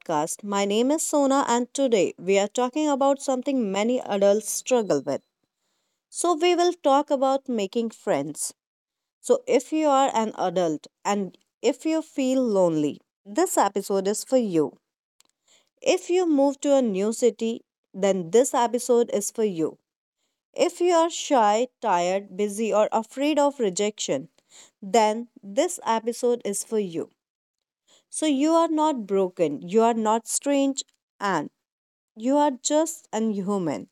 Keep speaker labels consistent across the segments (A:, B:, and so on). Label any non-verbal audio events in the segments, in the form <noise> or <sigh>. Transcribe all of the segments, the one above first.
A: podcast. My name is Sona, and today we are talking about something many adults struggle with. So, we will talk about making friends. So, if you are an adult and if you feel lonely, this episode is for you. If you move to a new city, then this episode is for you. If you are shy, tired, busy, or afraid of rejection, then this episode is for you. So you are not broken, you are not strange, and you are just and human.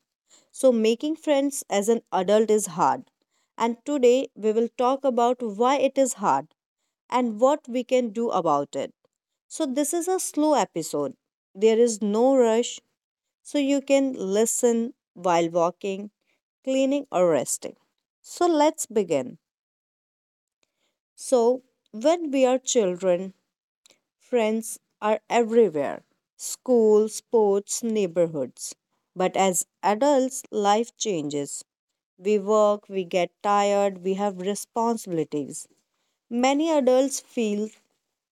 A: So making friends as an adult is hard. And today we will talk about why it is hard and what we can do about it. So this is a slow episode. There is no rush, so you can listen while walking, cleaning, or resting. So let's begin. So, when we are children, friends are everywhere, school, sports, neighborhoods. But as adults, life changes. We work, we get tired, we have responsibilities. Many adults feel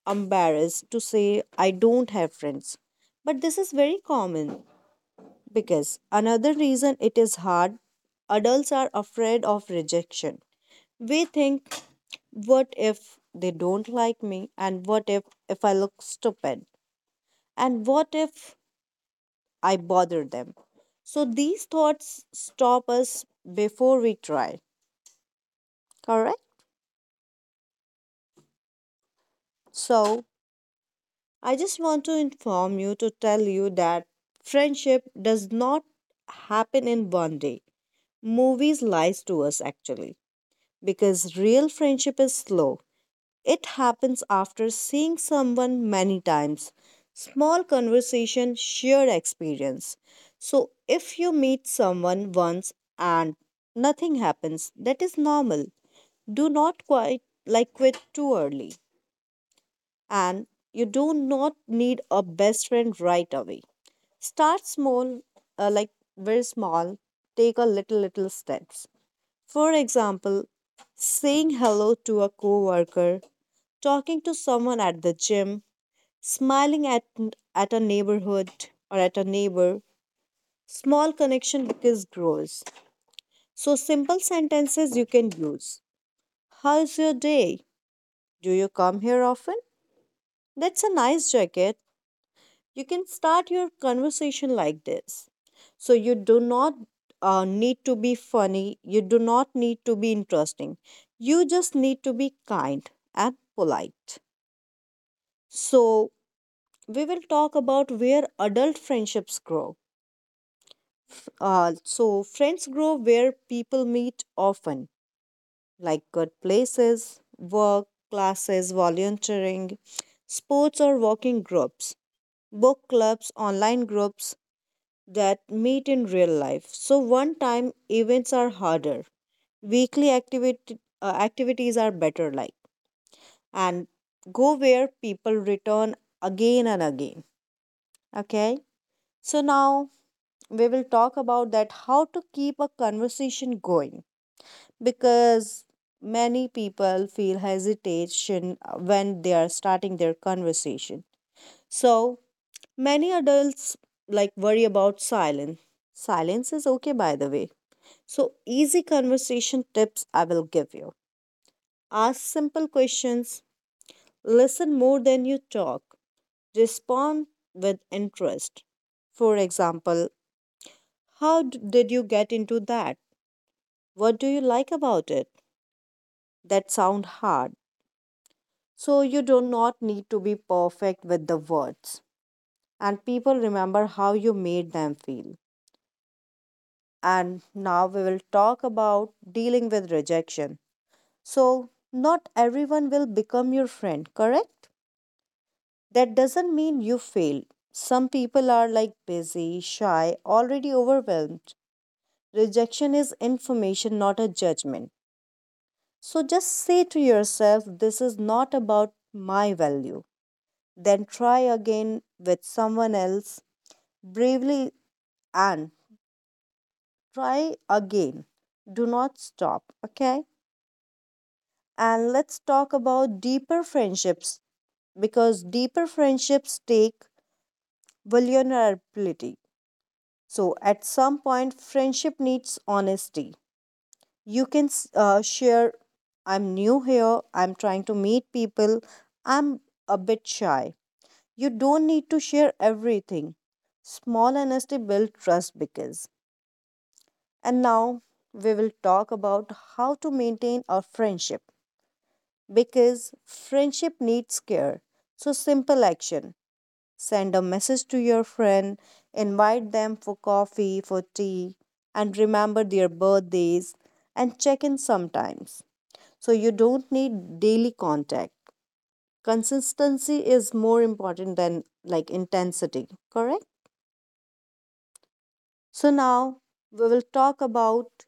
A: embarrassed to say, I don't have friends. But this is very common because another reason it is hard, adults are afraid of rejection. We think, what if they don't like me? And what if I look stupid? And what if I bother them? So these thoughts stop us before we try, correct? So I just want to inform you, to tell you that friendship does not happen in one day. Movies lies to us actually, because real friendship is slow. It happens after seeing someone many times. Small conversation, shared experience. So, if you meet someone once and nothing happens, that is normal. Do not quite like quit too early. And you do not need a best friend right away. Start small, like very small. Take a little steps. For example, saying hello to a coworker, talking to someone at the gym, smiling at a neighborhood or at a neighbor. Small connection because grows. So simple sentences you can use. How's your day? Do you come here often? That's a nice jacket. You can start your conversation like this. So you do not need to be funny. You do not need to be interesting. You just need to be kind and polite. So we will talk about where adult friendships grow. So, friends grow where people meet often, like good places, work, classes, volunteering, sports or walking groups, book clubs, online groups that meet in real life. So, one time events are harder, weekly activities are better, like, and go where people return again and again. Okay, so now we will talk about that how to keep a conversation going, because many people feel hesitation when they are starting their conversation. So many adults like worry about silence. Silence is okay, by the way. So easy conversation tips, I will give you: ask simple questions, listen more than you talk, respond with interest. For example, how did you get into that? What do you like about it? That sound hard. So you do not need to be perfect with the words. And people remember how you made them feel. And now we will talk about dealing with rejection. So not everyone will become your friend, correct? That doesn't mean you failed. Some people are like busy, shy, already overwhelmed. Rejection is information, not a judgment. So just say to yourself, this is not about my value. Then try again with someone else bravely, and try again. Do not stop, okay? And let's talk about deeper friendships, because deeper friendships take vulnerability. So, at some point, friendship needs honesty. You can share, I'm new here, I'm trying to meet people, I'm a bit shy. You don't need to share everything. Small honesty builds trust because. And now we will talk about how to maintain our friendship, because friendship needs care. So simple action. Send a message to your friend, invite them for coffee, for tea, and remember their birthdays and check in sometimes. So you don't need daily contact. Consistency is more important than like intensity, correct? So now we will talk about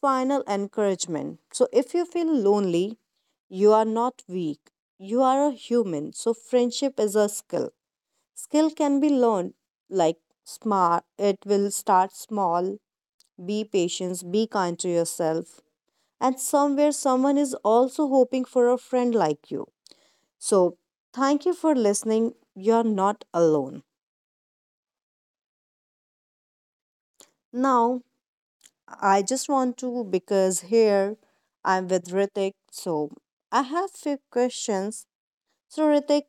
A: final encouragement. So if you feel lonely, you are not weak. You are a human. So friendship is a skill. Skill can be learned like smart, it will start small. Be patient, be kind to yourself. And somewhere someone is also hoping for a friend like you. So thank you for listening. You are not alone. Now I just want to, because here I'm with Ritik, so I have few questions. So Ritik,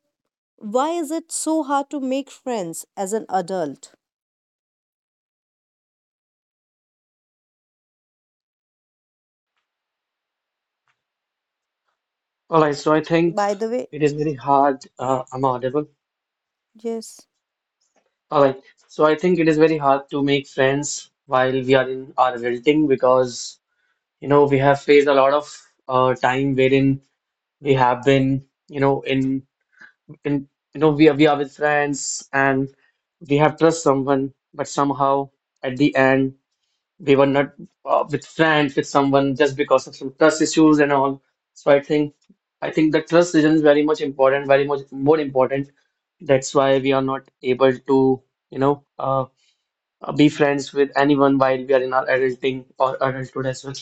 A: why is it so hard to make friends as an adult?
B: All right, so I think
A: By the way,
B: it is very hard. I'm audible.
A: yes,
B: All right, so I think it is very hard to make friends while we are in our adulting because we have faced a lot of time wherein we have been in we are with friends and we have trust someone, but somehow at the end. We were not with friends, with someone just because of some trust issues and all. So I think the trust region is very much important, very much more important. That's why we are not able to, you know, uh, be friends with anyone while we are in our adulting or adulthood as well.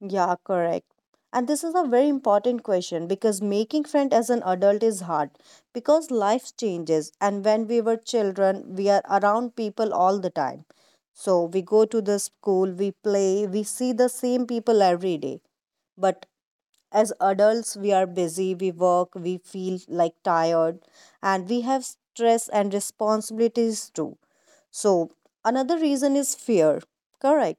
A: yeah, correct. And this is a very important question, because making friends as an adult is hard because life changes, and when we were children, we are around people all the time. So we go to the school, we play, we see the same people every day. But as adults, we are busy, we work, we feel like tired, and we have stress and responsibilities too. So, another reason is fear, correct?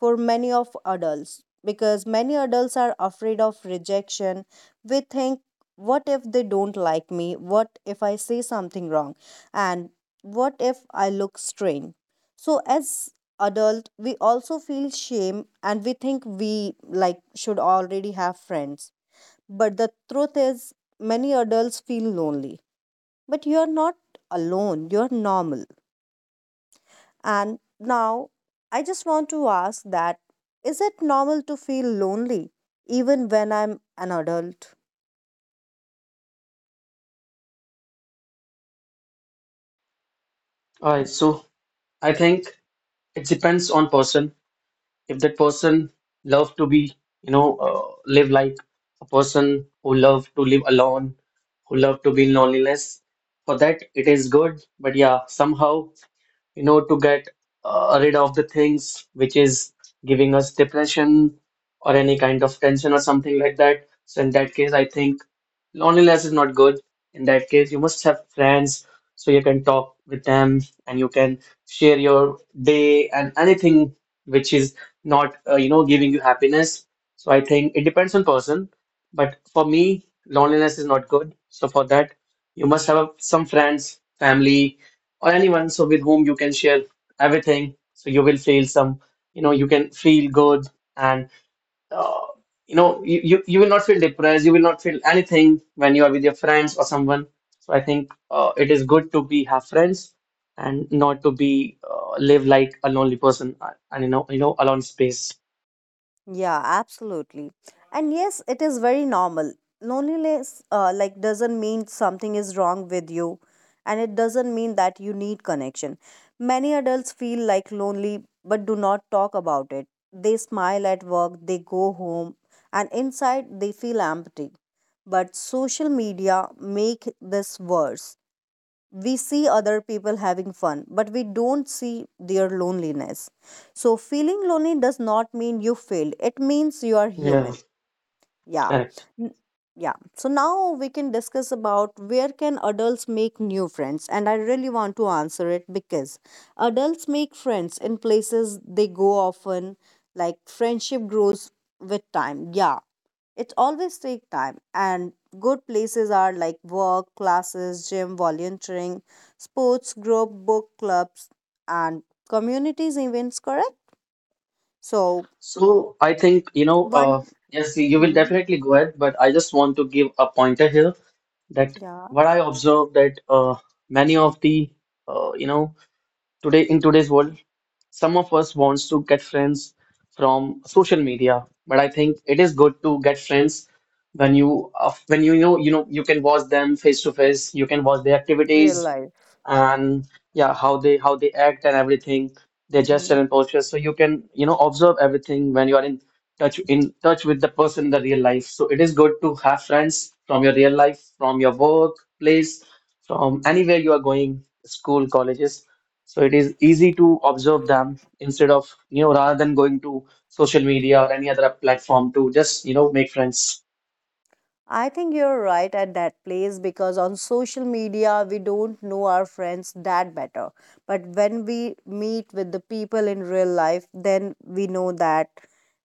A: For many of adults, because many adults are afraid of rejection. We think, what if they don't like me? What if I say something wrong? And what if I look strange? So, as adult, we also feel shame, and we think we like should already have friends. But the truth is, many adults feel lonely. But you are not alone, you are normal. And now I just want to ask, that is it normal to feel lonely even when I'm an adult?
B: All right, so I think it depends on person. If that person love to be live like a person who love to live alone, who love to be in loneliness, for that it is good. But yeah, somehow you know, to get rid of the things which is giving us depression or any kind of tension or something like that. So in that case, I think loneliness is not good. In that case, you must have friends so you can talk with them and you can share your day and anything which is not, giving you happiness. So I think it depends on person, but for me, loneliness is not good. So for that, you must have some friends, family or anyone so with whom you can share everything so you will feel some, you can feel good and uh, you know you will not feel depressed, you will not feel anything when you are with your friends or someone. So I think it is good to be have friends and not to be live like a lonely person, and you know alone space.
A: Yeah, absolutely. And yes, it is very normal. Loneliness like doesn't mean something is wrong with you, and it doesn't mean that you need connection. Many adults feel like lonely but do not talk about it. They smile at work, they go home, and inside they feel empty. But social media make this worse, we see other people having fun, but we don't see their loneliness. So, feeling lonely does not mean you failed, it means you are
B: Yeah,
A: human. Yeah.
B: correct.
A: N- Yeah. So, now we can discuss about where can adults make new friends. And I really want to answer it, because adults make friends in places they go often, like friendship grows with time. Yeah, it always takes time, and good places are like work, classes, gym, volunteering, sports group, book clubs, and communities events. Correct. So
B: So I think
A: one,
B: yes, you will
A: hmm
B: definitely go ahead, but I just want to give a pointer here that
A: yeah,
B: what I observe that many of the uh, you know today in today's world, some of us wants to get friends from social media, but I think it is good to get friends when you know you can watch them face to face, you can watch their
A: real
B: activities,
A: life.
B: and yeah, how they act and everything, their
A: hmm
B: gesture and posture, so you can you know observe everything when you are in touch with the person in the real life. So it is good to have friends from your real life, from your work place from anywhere you are going, school, colleges. So it is easy to observe them instead of you know, rather than going to social media or any other platform to just you know make friends.
A: I think you're right at that place, because on social media we don't know our friends that better. But when we meet with the people in real life, then we know that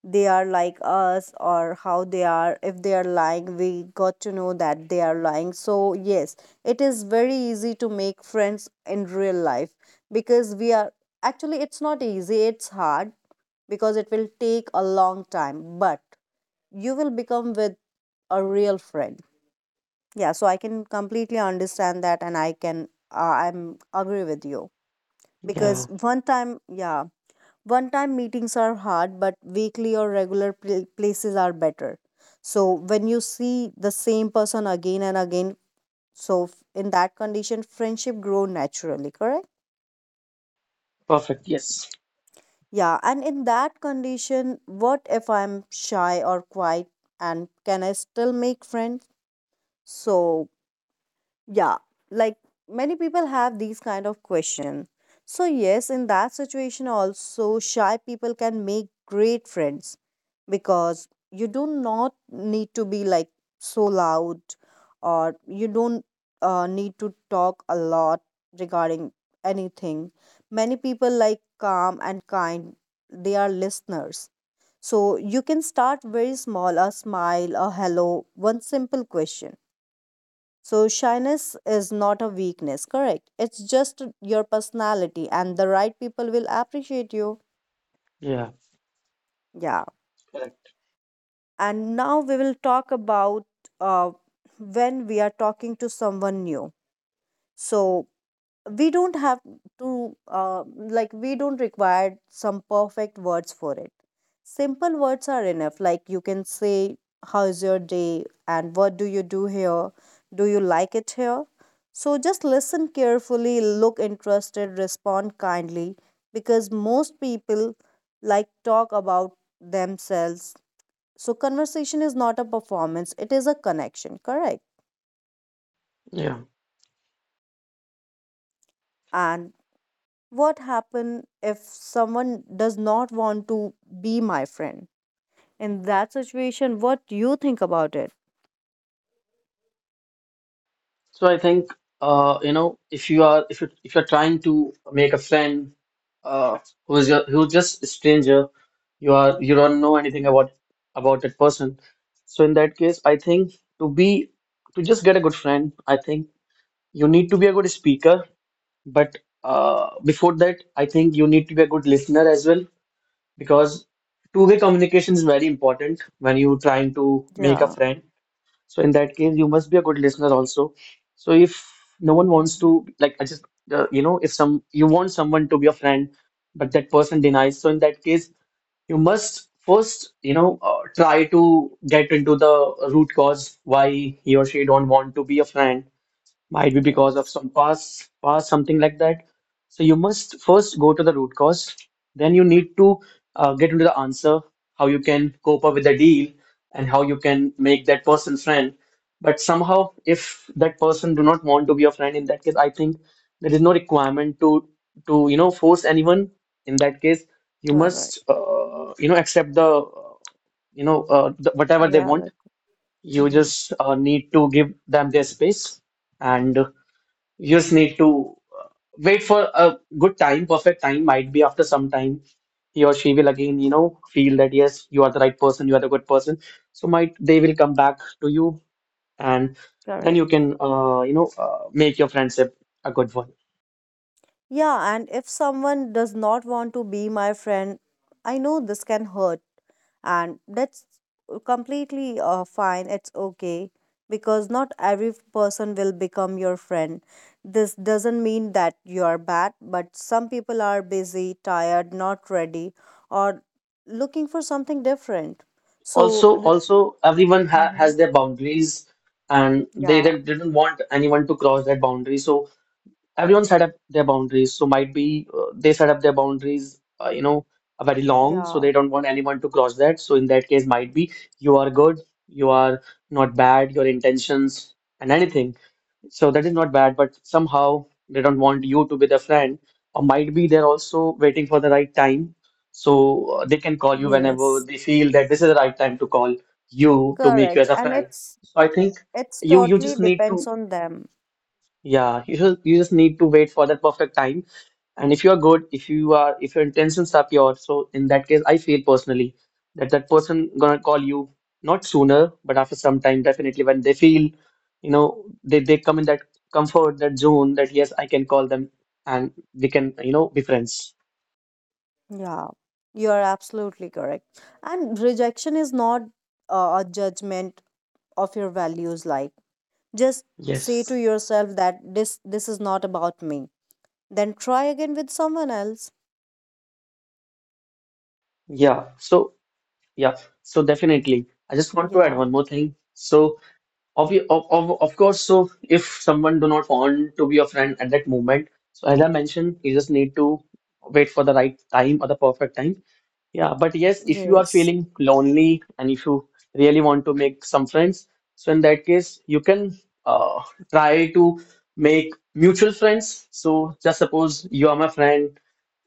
A: they are like us or how they are. If they are lying, we got to know that they are lying. So, yes, it is very easy to make friends in real life, because we are actually, it's not easy, it's hard, because it will take a long time, but you will become with a real friend. Yeah, so I can completely understand that, and I can I'm agree with you, because
B: Yeah,
A: one time, yeah, one time meetings are hard, but weekly or regular places are better. So when you see the same person again and again, so in that condition friendship grow naturally, correct?
B: perfect. Yes.
A: Yeah, and in that condition, what if I'm shy or quiet, and can I still make friends? So yeah, like many people have these kind of question. So yes, in that situation also shy people can make great friends, because you do not need to be like so loud, or you don't need to talk a lot regarding anything. Many people like calm and kind, they are listeners. So you can start very small, a smile, a hello, one simple question. So, shyness is not a weakness, correct? It's just your personality, and the right people will appreciate you.
B: Yeah,
A: Yeah.
B: correct.
A: And now we will talk about uh, when we are talking to someone new. So, we don't have to like we don't require some perfect words for it, simple words are enough, like you can say how's your day, and what do you do here, do you like it here. So just listen carefully, look interested, respond kindly, because most people like talk about themselves. So conversation is not a performance, it is a connection, correct?
B: Yeah.
A: And what happen if someone does not want to be my friend, in that situation, what do you think about it?
B: So I think if you are if you're trying to make a friend uh, who is your, who's just a stranger, you don't know anything about that person. So in that case, I think to be to just get a good friend, I think you need to be a good speaker. But before that, I think you need to be a good listener as well, because two-way communication is very important when you're trying to make a
A: Yeah.
B: friend. So in that case, you must be a good listener also. So if no one wants
A: Hmm.
B: to, like, I just, you know, if some you want someone to be a friend, but that person denies, so in that case, you must first, try to get into the root cause why he or she don't want to be a friend. Might be because of
A: Yes.
B: some past, past something like that. So you must first go to the root cause. Then you need to get into the answer, how you can cope up with the deal, and how you can make that person friend. But somehow, if that person do not want to be your friend, in that case, I think there is no requirement to force anyone. In that case, you
A: Correct.
B: must accept the whatever they want.
A: Reality.
B: You
A: Hmm.
B: just need to give them their space. And you just need to wait for a good time, perfect time. Might be after some time, he or she will again, you know, feel that yes, you are the right person, you are the good person. So might they will come back to you, and then you
A: Correct.
B: can, make your friendship a good one.
A: Yeah, and if someone does not want to be my friend, I know this can hurt, and that's completely fine, it's okay, because not every person will become your friend, this doesn't mean that you are bad, but some people are busy, tired, not ready, or looking for something different. So
B: Also, also everyone ha
A: mm-hmm.
B: has their boundaries, and
A: Yeah,
B: they didn't want anyone to cross that boundary. So everyone set up their boundaries. So might be they set up their boundaries, you know, are very long, so
A: yeah,
B: they don't want anyone to cross that. So in that case, might be you are good, you are not bad, your intentions and anything. So that is not bad, but somehow they don't want you to be their friend, or might be they're also waiting for the right time. So they can call you whenever
A: yes,
B: they feel that this is the right time to call you to make you
A: correct.
B: as a
A: And
B: friend.
A: it's
B: So I think
A: it's
B: you
A: totally
B: just need
A: depends
B: to,
A: on them.
B: yeah, you just need to wait for that perfect time. And if you are good, if you are, if your intentions are pure, so in that case, I feel personally that that person gonna call you not sooner, but after some time, definitely when they feel, you know, they come in that comfort, that zone, that yes, I can call them and we can, you know, be friends.
A: Yeah, you are absolutely correct. And rejection is not a judgment of your values. Like just say
B: Yes.
A: to yourself that this is not about me, then try again with someone else.
B: Yeah. So yeah. So definitely, I just want to add
A: Yeah,
B: one more thing. So so if someone do not want to be your friend at that moment, so as I mentioned, you just need to wait for the right time or the perfect time. Yeah, but yes, if you are
A: yes.
B: feeling lonely and if you really want to make some friends, so in that case, you can uh, try to make mutual friends. So just suppose you are my friend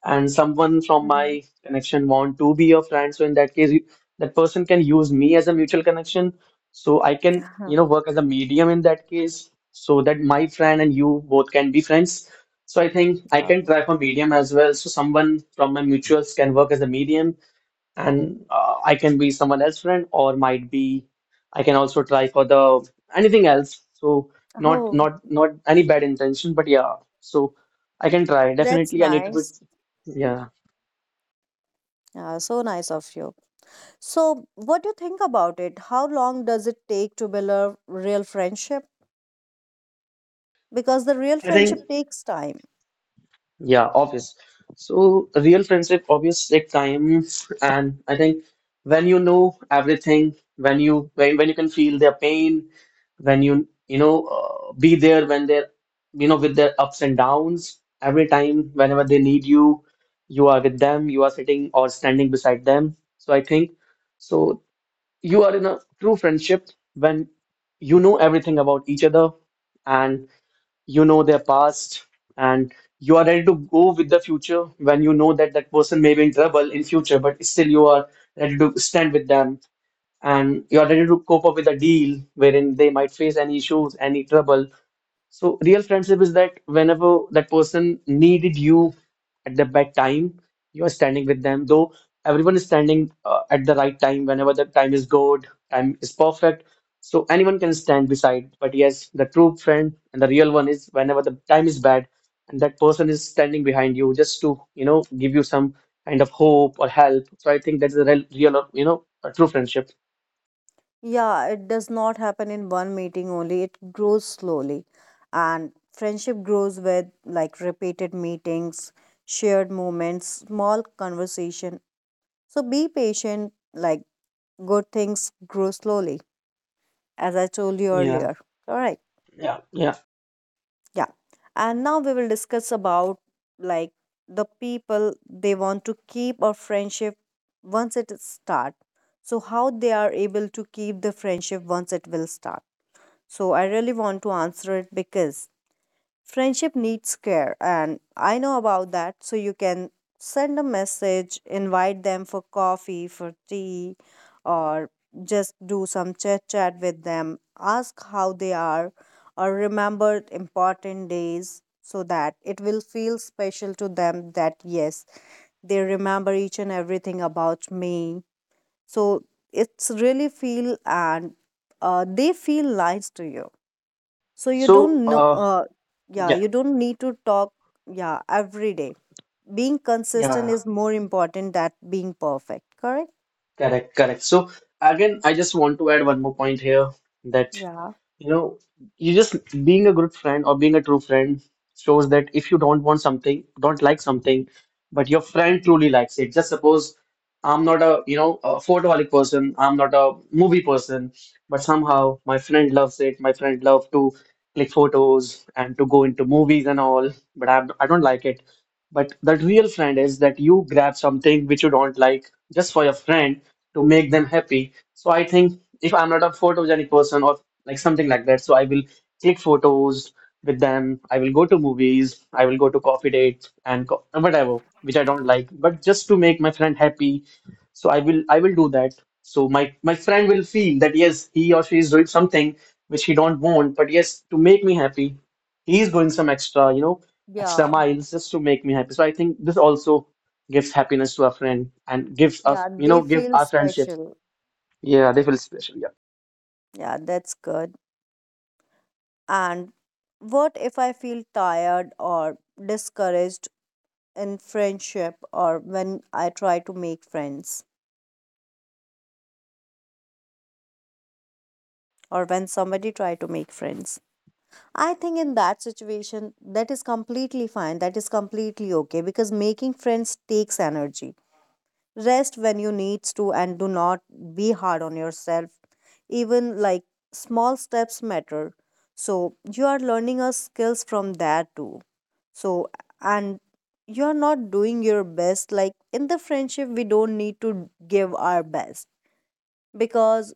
B: and someone from
A: hmm
B: my connection want to be your friend, so in that case, that person can use me as a mutual connection. So I can you know work as a medium in that case, so that my friend and you both can be friends. So I think I can
A: oh,
B: try for medium as well. So someone from my mutuals can work as a medium and I can be someone else's friend or might be I can also try for the anything else. So not
A: oh,
B: not not any bad intention, but yeah. So I can try.
A: that's
B: Definitely, I need to be.
A: nice.
B: Yeah,
A: Yeah, so nice of you. So what do you think about it? How long does it take to build a real friendship? Because the real
B: I think.
A: friendship takes time.
B: Yeah, obvious. So real friendship obvious take time. And I think when you know everything, when when you can feel their pain, when you know be there when they're you know with their ups and downs, every time whenever they need you, you are with them, you are sitting or standing beside them. So I think so you are in a true friendship when you know everything about each other, you know their past, and you are ready to go with the future. When you know that that person may be in trouble in future, but still you are ready to stand with them and you are ready to cope up with a deal wherein they might face any issues, any trouble. So real friendship is that whenever that person needed you at the bad time, you are standing with them. Though everyone is standing at the right time, whenever the time is good, time is perfect. So anyone can stand beside. But yes, the true friend and the real one is whenever the time is bad and that person is standing behind you just to, you know, give you some kind of hope or help. So I think that's the a true friendship.
A: Yeah, it does not happen in one meeting only. It grows slowly. And friendship grows with like repeated meetings, shared moments, small conversation. So be patient, like good things grow slowly, as I told you
B: Yeah.
A: earlier. All right.
B: Yeah, yeah.
A: Yeah. And now we will discuss about like the people they want to keep a friendship once it is start. So how they are able to keep the friendship once it will start. So I really want to answer it because friendship needs care, and I know about that. So you can send a message, invite them for coffee, for tea, or just do some chit chat with them, ask how they are, or remember important days so that it will feel special to them that yes, they remember each and everything about me. So it's really feel and they feel nice to you. So you
B: So,
A: don't know, yeah,
B: yeah.
A: you don't need to talk, yeah, every day. Being consistent
B: Yeah.
A: is more important than being perfect, correct?
B: Correct, correct. So again, I just want to add one more point here that
A: Yeah,
B: you know, you just being a good friend or being a true friend shows that if you don't want something, don't like something, but your friend truly likes it. Just suppose I'm not a, you know, a photoholic person, I'm not a movie person, but somehow my friend loves it. My friend loves to click photos and to go into movies and all, but I don't like it. But the real friend is that you grab something which you don't like just for your friend to make them happy. So I think if I'm not a photogenic person or like something like that. So I will click photos with them. I will go to movies. I will go to coffee dates and co whatever, which I don't like, but just to make my friend happy. So I will do that. So my friend will feel that yes, he or she is doing something which he don't want, but yes, to make me happy, he is doing some extra, extra
A: yeah,
B: miles just to make me happy. So I think this also gives happiness to our friend and gives us,
A: yeah,
B: you
A: they
B: know, give
A: feel
B: our friendship.
A: special.
B: Yeah, they feel special. Yeah.
A: Yeah, that's good. And what if I feel tired or discouraged in friendship, or when I try to make friends, or when somebody try to make friends? I think in that situation, that is completely fine. That is completely okay because making friends takes energy. Rest when you need to and do not be hard on yourself. Even like small steps matter. So you are learning a skills from that too. So and you are not doing your best. Like in the friendship, we don't need to give our best because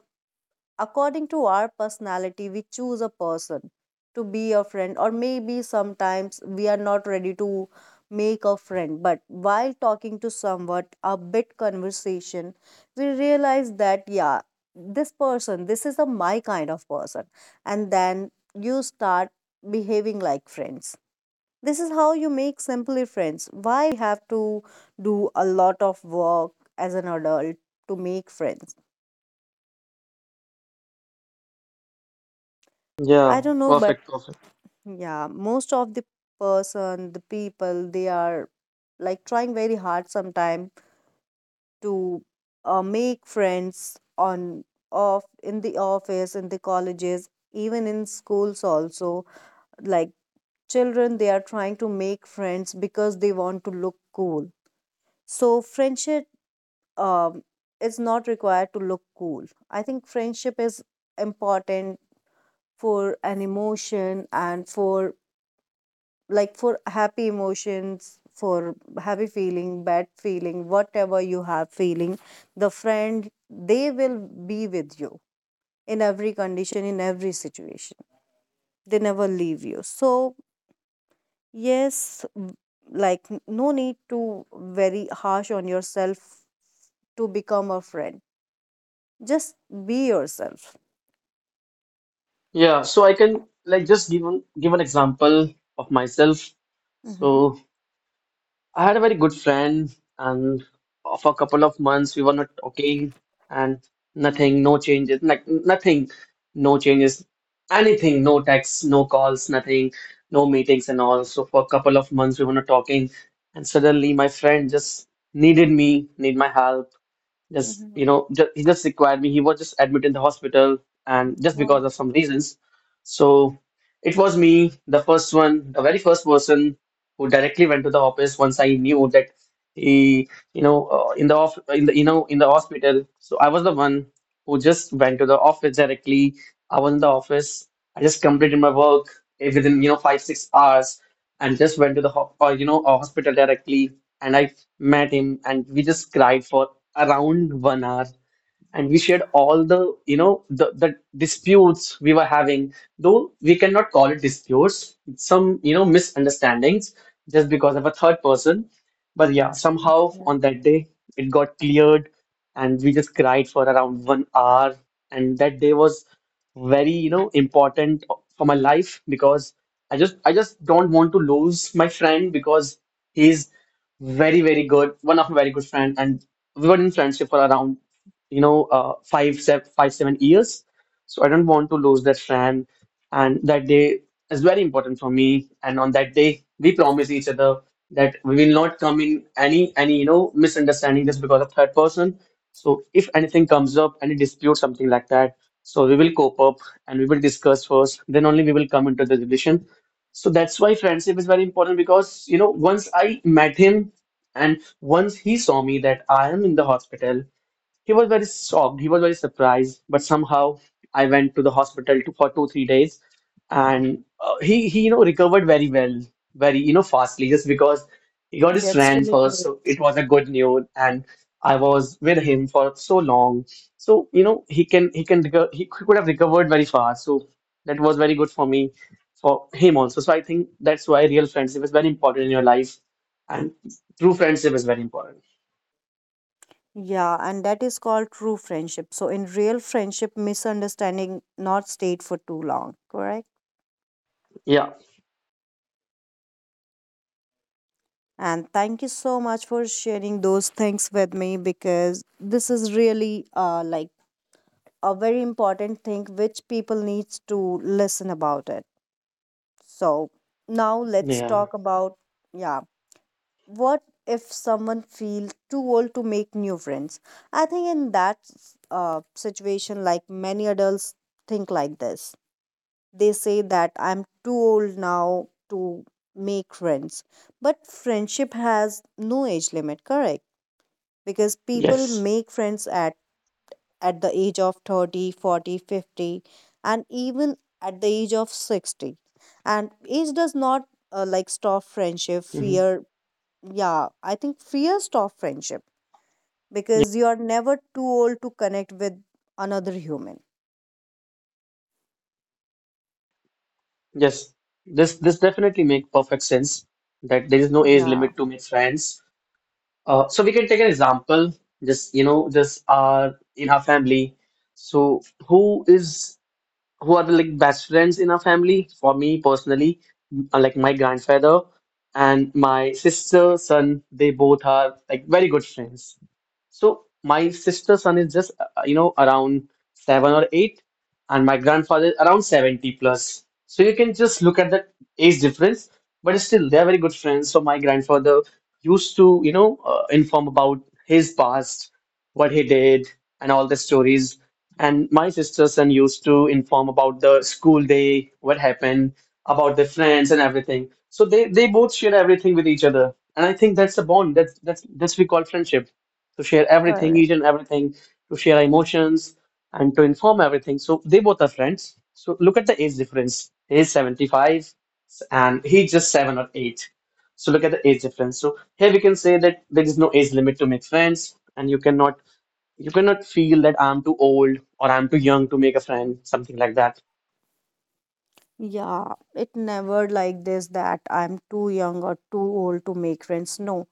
A: according to our personality we choose a person to be a friend, or maybe sometimes we are not ready to make a friend, but while talking to someone a bit conversation we realize that yeah, this person, this is a my kind of person, and then you start behaving like friends. This is how you make simply friends. Why we have to do a lot of work as an adult to make friends, I
B: Yeah,
A: don't know, but
B: perfect, perfect.
A: yeah, most of the person, the people, they are like trying very hard sometime to make friends on off in the office, in the colleges, even in schools also. Like children, they are trying to make friends because they want to look cool. So friendship um, is not required to look cool. I think friendship is important for an emotion and for like for happy emotions, for happy feeling, bad feeling, whatever you have feeling, the friend they will be with you in every condition, in every situation, they never leave you. So yes, like no need to very harsh on yourself to become a friend, just be yourself.
B: Yeah, so I can like just give an example of myself.
A: Mm-hmm.
B: So I had a very good friend, and for a couple of months we were not talking, and nothing, no changes, like nothing, no changes, anything, no texts, no calls, nothing, no meetings and all. So for a couple of months we were not talking, and suddenly my friend just needed me, need my help just,
A: Mm-hmm.
B: you know, just, he just required me. He was just admitted in the hospital and just
A: Okay.
B: because of some reasons. So it was me, the first one, the very first person who directly went to the office once I knew that he, you know, in the off, in the, you know, in the hospital. So I was the one who just went to the office directly. I was in the office. I just completed my work within, five, 6 hours and just went to the hospital directly, and I met him and we just cried for around one hour, and we shared all the you know the disputes we were having, though we cannot call it disputes, some misunderstandings, just because of a third person. But yeah, somehow on that day it got cleared, and we just cried for around one hour, and that day was very important for my life, because I just don't want to lose my friend, because he's very, very good, one of my very good friend. And we were in friendship for around five, seven years. So I don't want to lose that friend. And that day is very important for me. And on that day, we promise each other that we will not come in any, misunderstanding just because of third person. So if anything comes up, any dispute, something like that, so we will cope up and we will discuss first. Then only we will come into the relation. So that's why friendship is very important, because, once I met him and once he saw me that I am in the hospital, he was very shocked. He was very surprised. But somehow I went to the hospital to, for two, 3 days, and he recovered very well, very fastly, just because he got his
A: That's
B: friend
A: really
B: first.
A: good.
B: So it was a good news, and I was with him for so long. So you know he can reco- he could have recovered very fast. So that was very good for me, for him also. So I think that's why real friendship is very important in your life, and true friendship is very important.
A: Yeah, and that is called true friendship. So in real friendship, misunderstanding not stayed for too long, correct?
B: Yeah,
A: And thank you so much for sharing those things with me, because this is really like a very important thing which people needs to listen about it. So now let's
B: yeah,
A: talk about, yeah, what if someone feels too old to make new friends? I think in that situation, like many adults think like this, they say that I'm too old now to make friends. But friendship has no age limit, correct? Because people
B: yes.
A: make friends at the age of 30, 40, 50, and even at the age of 60. And age does not like stop friendship,
B: Mm-hmm.
A: fear. Yeah, I think fear stop friendship,
B: Ye-
A: because you are never too old to connect with another human.
B: Yes, this definitely make perfect sense that there is no age
A: Yeah,
B: limit to make friends. So we can take an example, just you know, just our in our family. So who is who are the like best friends in our family? For me personally, like my grandfather and my sister, son, they both are like very good friends. So my sister's son is just, around seven or eight, and my grandfather is around 70 plus. So you can just look at the age difference, but still, they're very good friends. So my grandfather used to, inform about his past, what he did, and all the stories. And my sister's son used to inform about the school day, what happened, about their friends and everything. So they both share everything with each other. And I think that's a bond. That's we call friendship, to share everything,
A: correct.
B: each and everything, to share emotions and to inform everything. So they both are friends. So look at the age difference. He's 75 and he's just seven or eight. So look at the age difference. So here we can say that there is no age limit to make friends, and you cannot feel that I'm too old or I'm too young to make a friend, something like that.
A: Yeah, it never like this that I'm too young or too old to make friends. No,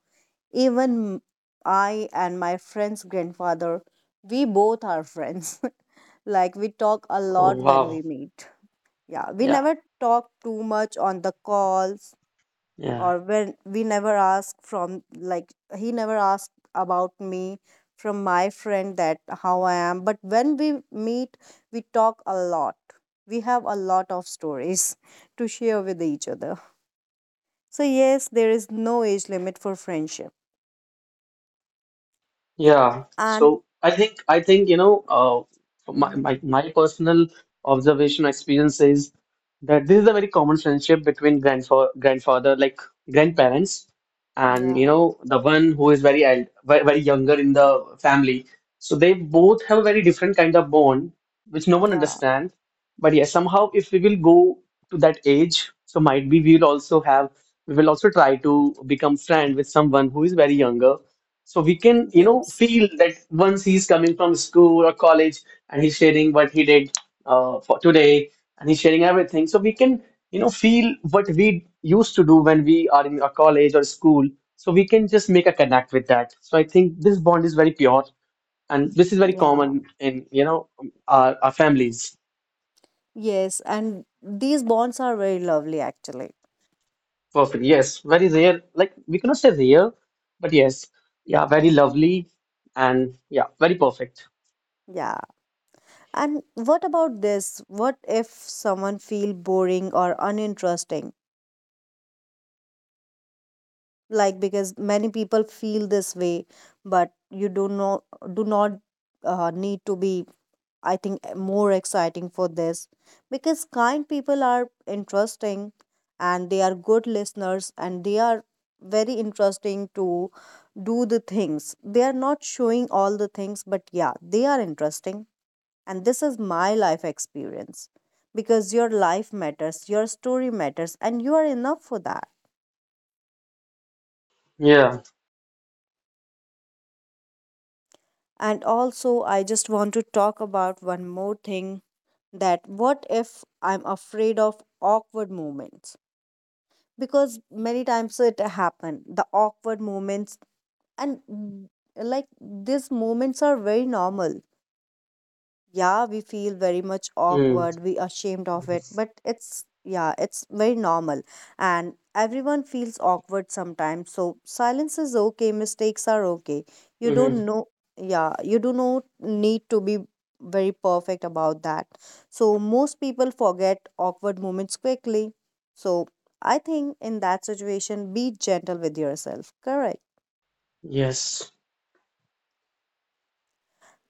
A: even I and my friend's grandfather, we both are friends. <laughs> Like we talk a
B: Oh
A: lot when we
B: wow.
A: meet. Yeah, we
B: Yeah.
A: never talk too much on the calls,
B: Yeah.
A: or when we never ask from like he never asked about me from my friend that how I am, but when we meet we talk a lot, we have a lot of stories <laughs> to share with each other. So yes, there is no age limit for friendship.
B: Yeah,
A: And
B: so I think my,
A: mhm,
B: my my personal observation experience is that this is a very common friendship between grandfather, like grandparents, and
A: yeah,
B: the one who is very, very younger in the family. So they both have a very different kind of bond which no one
A: yeah,
B: understands. But yeah, somehow if we will go to that age, so might be we will also try to become friend with someone who is very younger, so we can, you know,
A: yes,
B: feel that once he's coming from school or college and he's sharing what he did for today and he's sharing everything. So we can, you know, feel what we used to do when we are in a college or school. So we can just make a connect with that. So I think this bond is very pure and this is very
A: yeah,
B: common in, you know, our families.
A: yes, and these bonds are very lovely actually.
B: Perfect. Yes, very rare. Like we cannot say rare, but yes, yeah, very lovely and yeah, very perfect.
A: Yeah. And what about this? What if someone feel boring or uninteresting? Like because many people feel this way, but you do not do not need to be, I think, more exciting for this, because kind people are interesting and they are good listeners and they are very interesting to do the things. They are not showing all the things, but yeah, they are interesting. And this is my life experience, because your life matters, your story matters, and you are enough for that.
B: Yeah.
A: And also, I just want to talk about one more thing, that what if I'm afraid of awkward moments? Because many times it happen, the awkward moments, and like these moments are very normal. Yeah, we feel very much
B: Mm.
A: awkward, we ashamed of it, but it's yeah, it's very normal, and everyone feels awkward sometimes. So silence is okay, mistakes are okay, you
B: Hmm.
A: don't know, yeah, you do not need to be very perfect about that. So most people forget awkward moments quickly, so I think in that situation be gentle with yourself, correct?
B: Yes.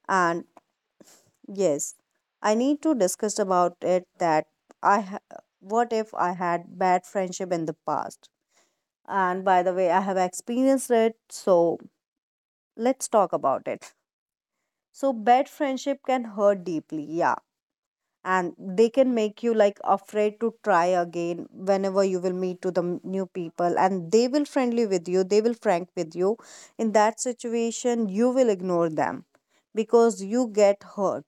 A: And yes, I need to discuss about it that I ha- what if I had bad friendship in the past? And by the way, I have experienced it, so let's talk about it. So bad friendship can hurt deeply, yeah. And they can make you like afraid to try again whenever you will meet to the new people and they will friendly with you, they will frank with you. In that situation, you will ignore them because you get hurt,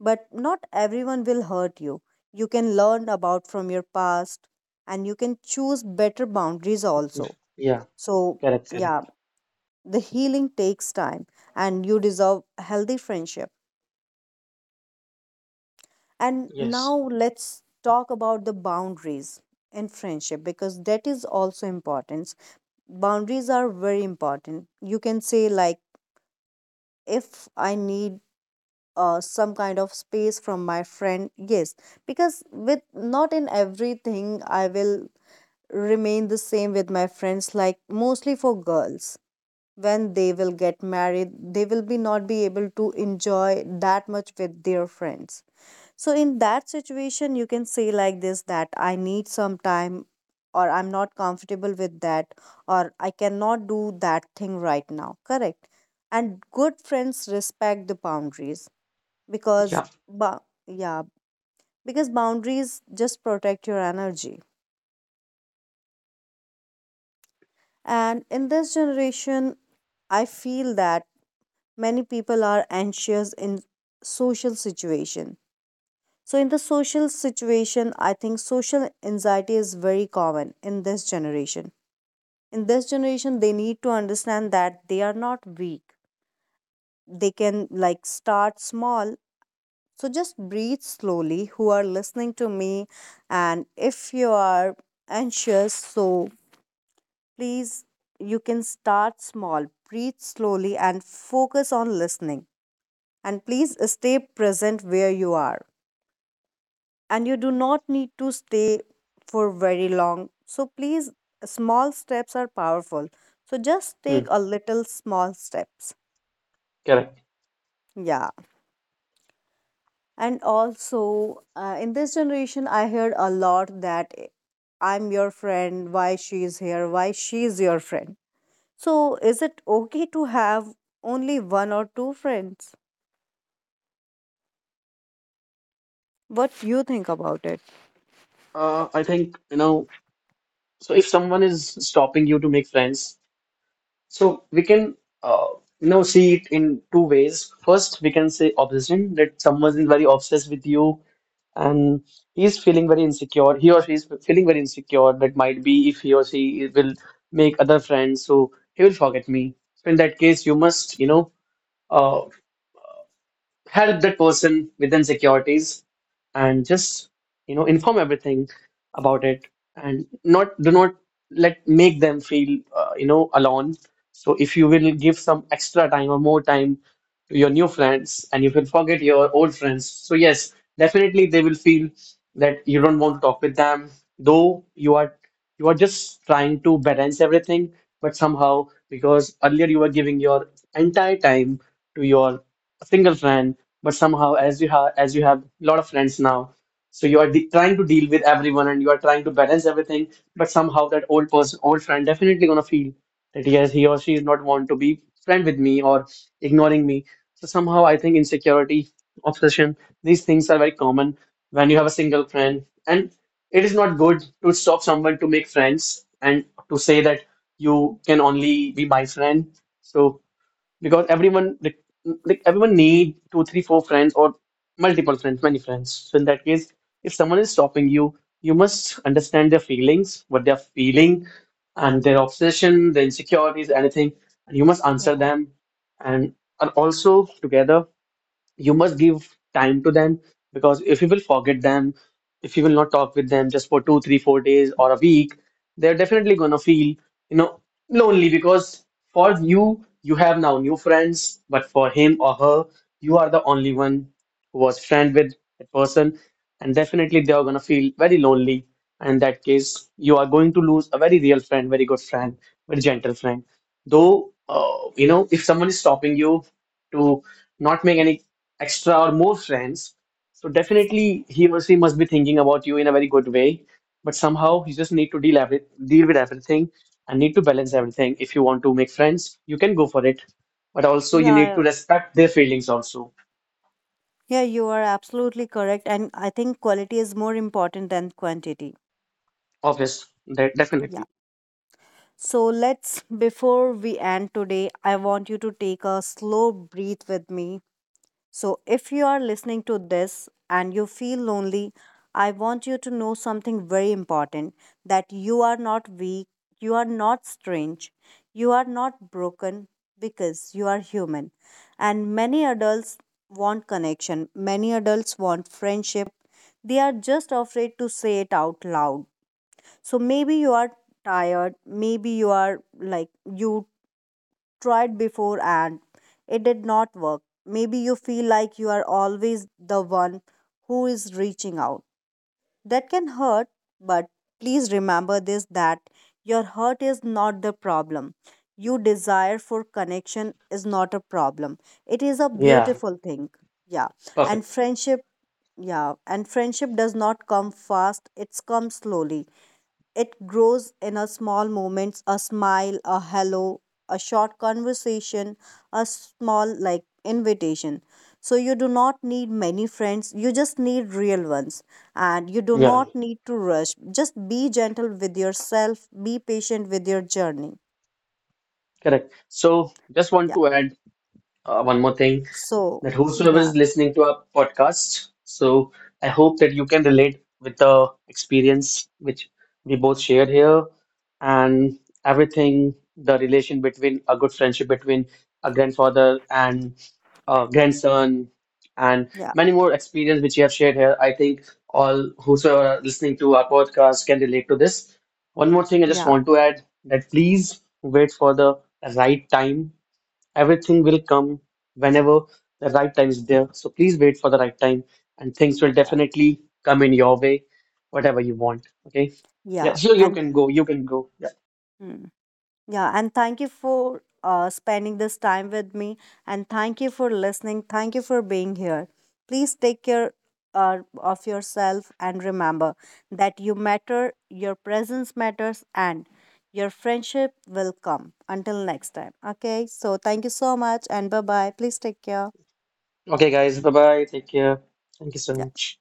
A: but not everyone will hurt you. You can learn about from your past, and you can choose better boundaries
B: Mm.
A: also.
B: Yeah.
A: So
B: Correct.
A: yeah,
B: Correct.
A: the healing takes time and you deserve healthy friendship. And
B: Yes.
A: now let's talk about the boundaries in friendship, because that is also important. Boundaries are very important. You can say like, if I need some kind of space from my friend, yes, because with not in everything I will remain the same with my friends. Like mostly for girls, when they will get married, they will be not be able to enjoy that much with their friends. So in that situation, you can say like this, that I need some time, or I'm not comfortable with that, or I cannot do that thing right now, correct? And good friends respect the boundaries, because
B: Yeah.
A: yeah, because boundaries just protect your energy. And in this generation, I feel that many people are anxious in social situation. So in the social situation, I think social anxiety is very common in this generation. In this generation they need to understand that they are not weak, they can like start small. So just breathe slowly, who are listening to me. And if you are anxious, so please, you can start small. Breathe slowly and focus on listening. And please stay present where you are. And you do not need to stay for very long. So please, small steps are powerful. So just take
B: Mm.
A: a little small steps.
B: Correct.
A: Yeah. And also, in this generation, I heard a lot that I'm your friend, why she's here, why she's your friend. So is it okay to have only one or two friends? What you think about it?
B: I think, you know, so if someone is stopping you to make friends, so we can, uh, you know, see it in two ways. First, we can say obsession, that someone is very obsessed with you and he's feeling very insecure. He or she is feeling very insecure. That might be if he or she will make other friends, so he will forget me. So in that case, you must, you know, uh. help that person with insecurities, and just inform everything about it, and not do not let make them feel alone. So if you will give some extra time or more time to your new friends and you will forget your old friends, so yes, definitely they will feel that you don't want to talk with them, though you are just trying to balance everything. But somehow, because earlier you were giving your entire time to your a single friend, but somehow as you have a lot of friends now, so you are trying to deal with everyone and you are trying to balance everything. But somehow that old person, old friend definitely gonna feel that yes, he or she is not want to be friend with me or ignoring me. So somehow I think insecurity, obsession, these things are very common when you have a single friend, and it is not good to stop someone to make friends and to say that you can only be my friend. So because everyone, like, everyone need two three four friends or multiple friends, many friends. So in that case, if someone is stopping you, you must understand their feelings, what they're feeling, and their obsession, their insecurities, anything, and you must answer them, and are also together, you must give time to them. Because if you will forget them, if you will not talk with them just for two, three, 4 days or a week, they're definitely gonna feel, you know, lonely, because for you, you have now new friends, but for him or her, you are the only one who was friend with that person, and definitely they are gonna feel very lonely. And in that case, you are going to lose a very real friend, very good friend, very gentle friend. Though, if someone is stopping you to not make any extra or more friends, so definitely he or she must be thinking about you in a very good way. But somehow you just need to deal with everything and need to balance everything. If you want to make friends, you can go for it. But also you need
A: Yeah,
B: to respect their feelings also.
A: yeah, you are absolutely correct. And I think quality is more important than quantity.
B: Obvious,
A: Yeah.
B: definitely.
A: So let's, before we end today, I want you to take a slow breath with me. So if you are listening to this and you feel lonely, I want you to know something very important, that you are not weak, you are not strange, you are not broken, because you are human. And many adults want connection, many adults want friendship. They are just afraid to say it out loud. So maybe you are tired, maybe you are like you tried before and it did not work. Maybe you feel like you are always the one who is reaching out. That can hurt, but please remember this, that your hurt is not the problem. Your desire for connection is not a problem. It is a
B: Yeah,
A: beautiful thing. Yeah. And
B: perfect.
A: friendship, yeah, and friendship does not come fast, it comes slowly. It grows in a small moments, a smile, a hello, a short conversation, a small like invitation. So you do not need many friends, you just need real ones. And you do
B: Yeah,
A: not need to rush. Just be gentle with yourself, be patient with your journey.
B: correct. So just want
A: Yeah.
B: to add one more thing,
A: So
B: that whosoever
A: yeah,
B: is listening to our podcast, so I hope that you can relate with the experience which we both shared here and everything, the relation between a good friendship between a grandfather and grandson, and
A: yeah,
B: many more experience which you have shared here. I think all whosoever are listening to our podcast can relate to this. One more thing I just
A: yeah,
B: want to add, that please wait for the right time. Everything will come whenever the right time is there. So please wait for the right time, and things will
A: yeah.
B: definitely come in your way, whatever you want. Okay. Yeah,
A: Yeah.
B: sure, you
A: And
B: can go. You can go. Yeah.
A: hmm. Yeah, and thank you for spending this time with me. And thank you for listening. Thank you for being here. Please take care of yourself, and remember that you matter, your presence matters, and your friendship will come. Until next time. Okay, so thank you so much and bye bye. Please take care.
B: Okay, guys. Bye bye. Take care. Thank you so much.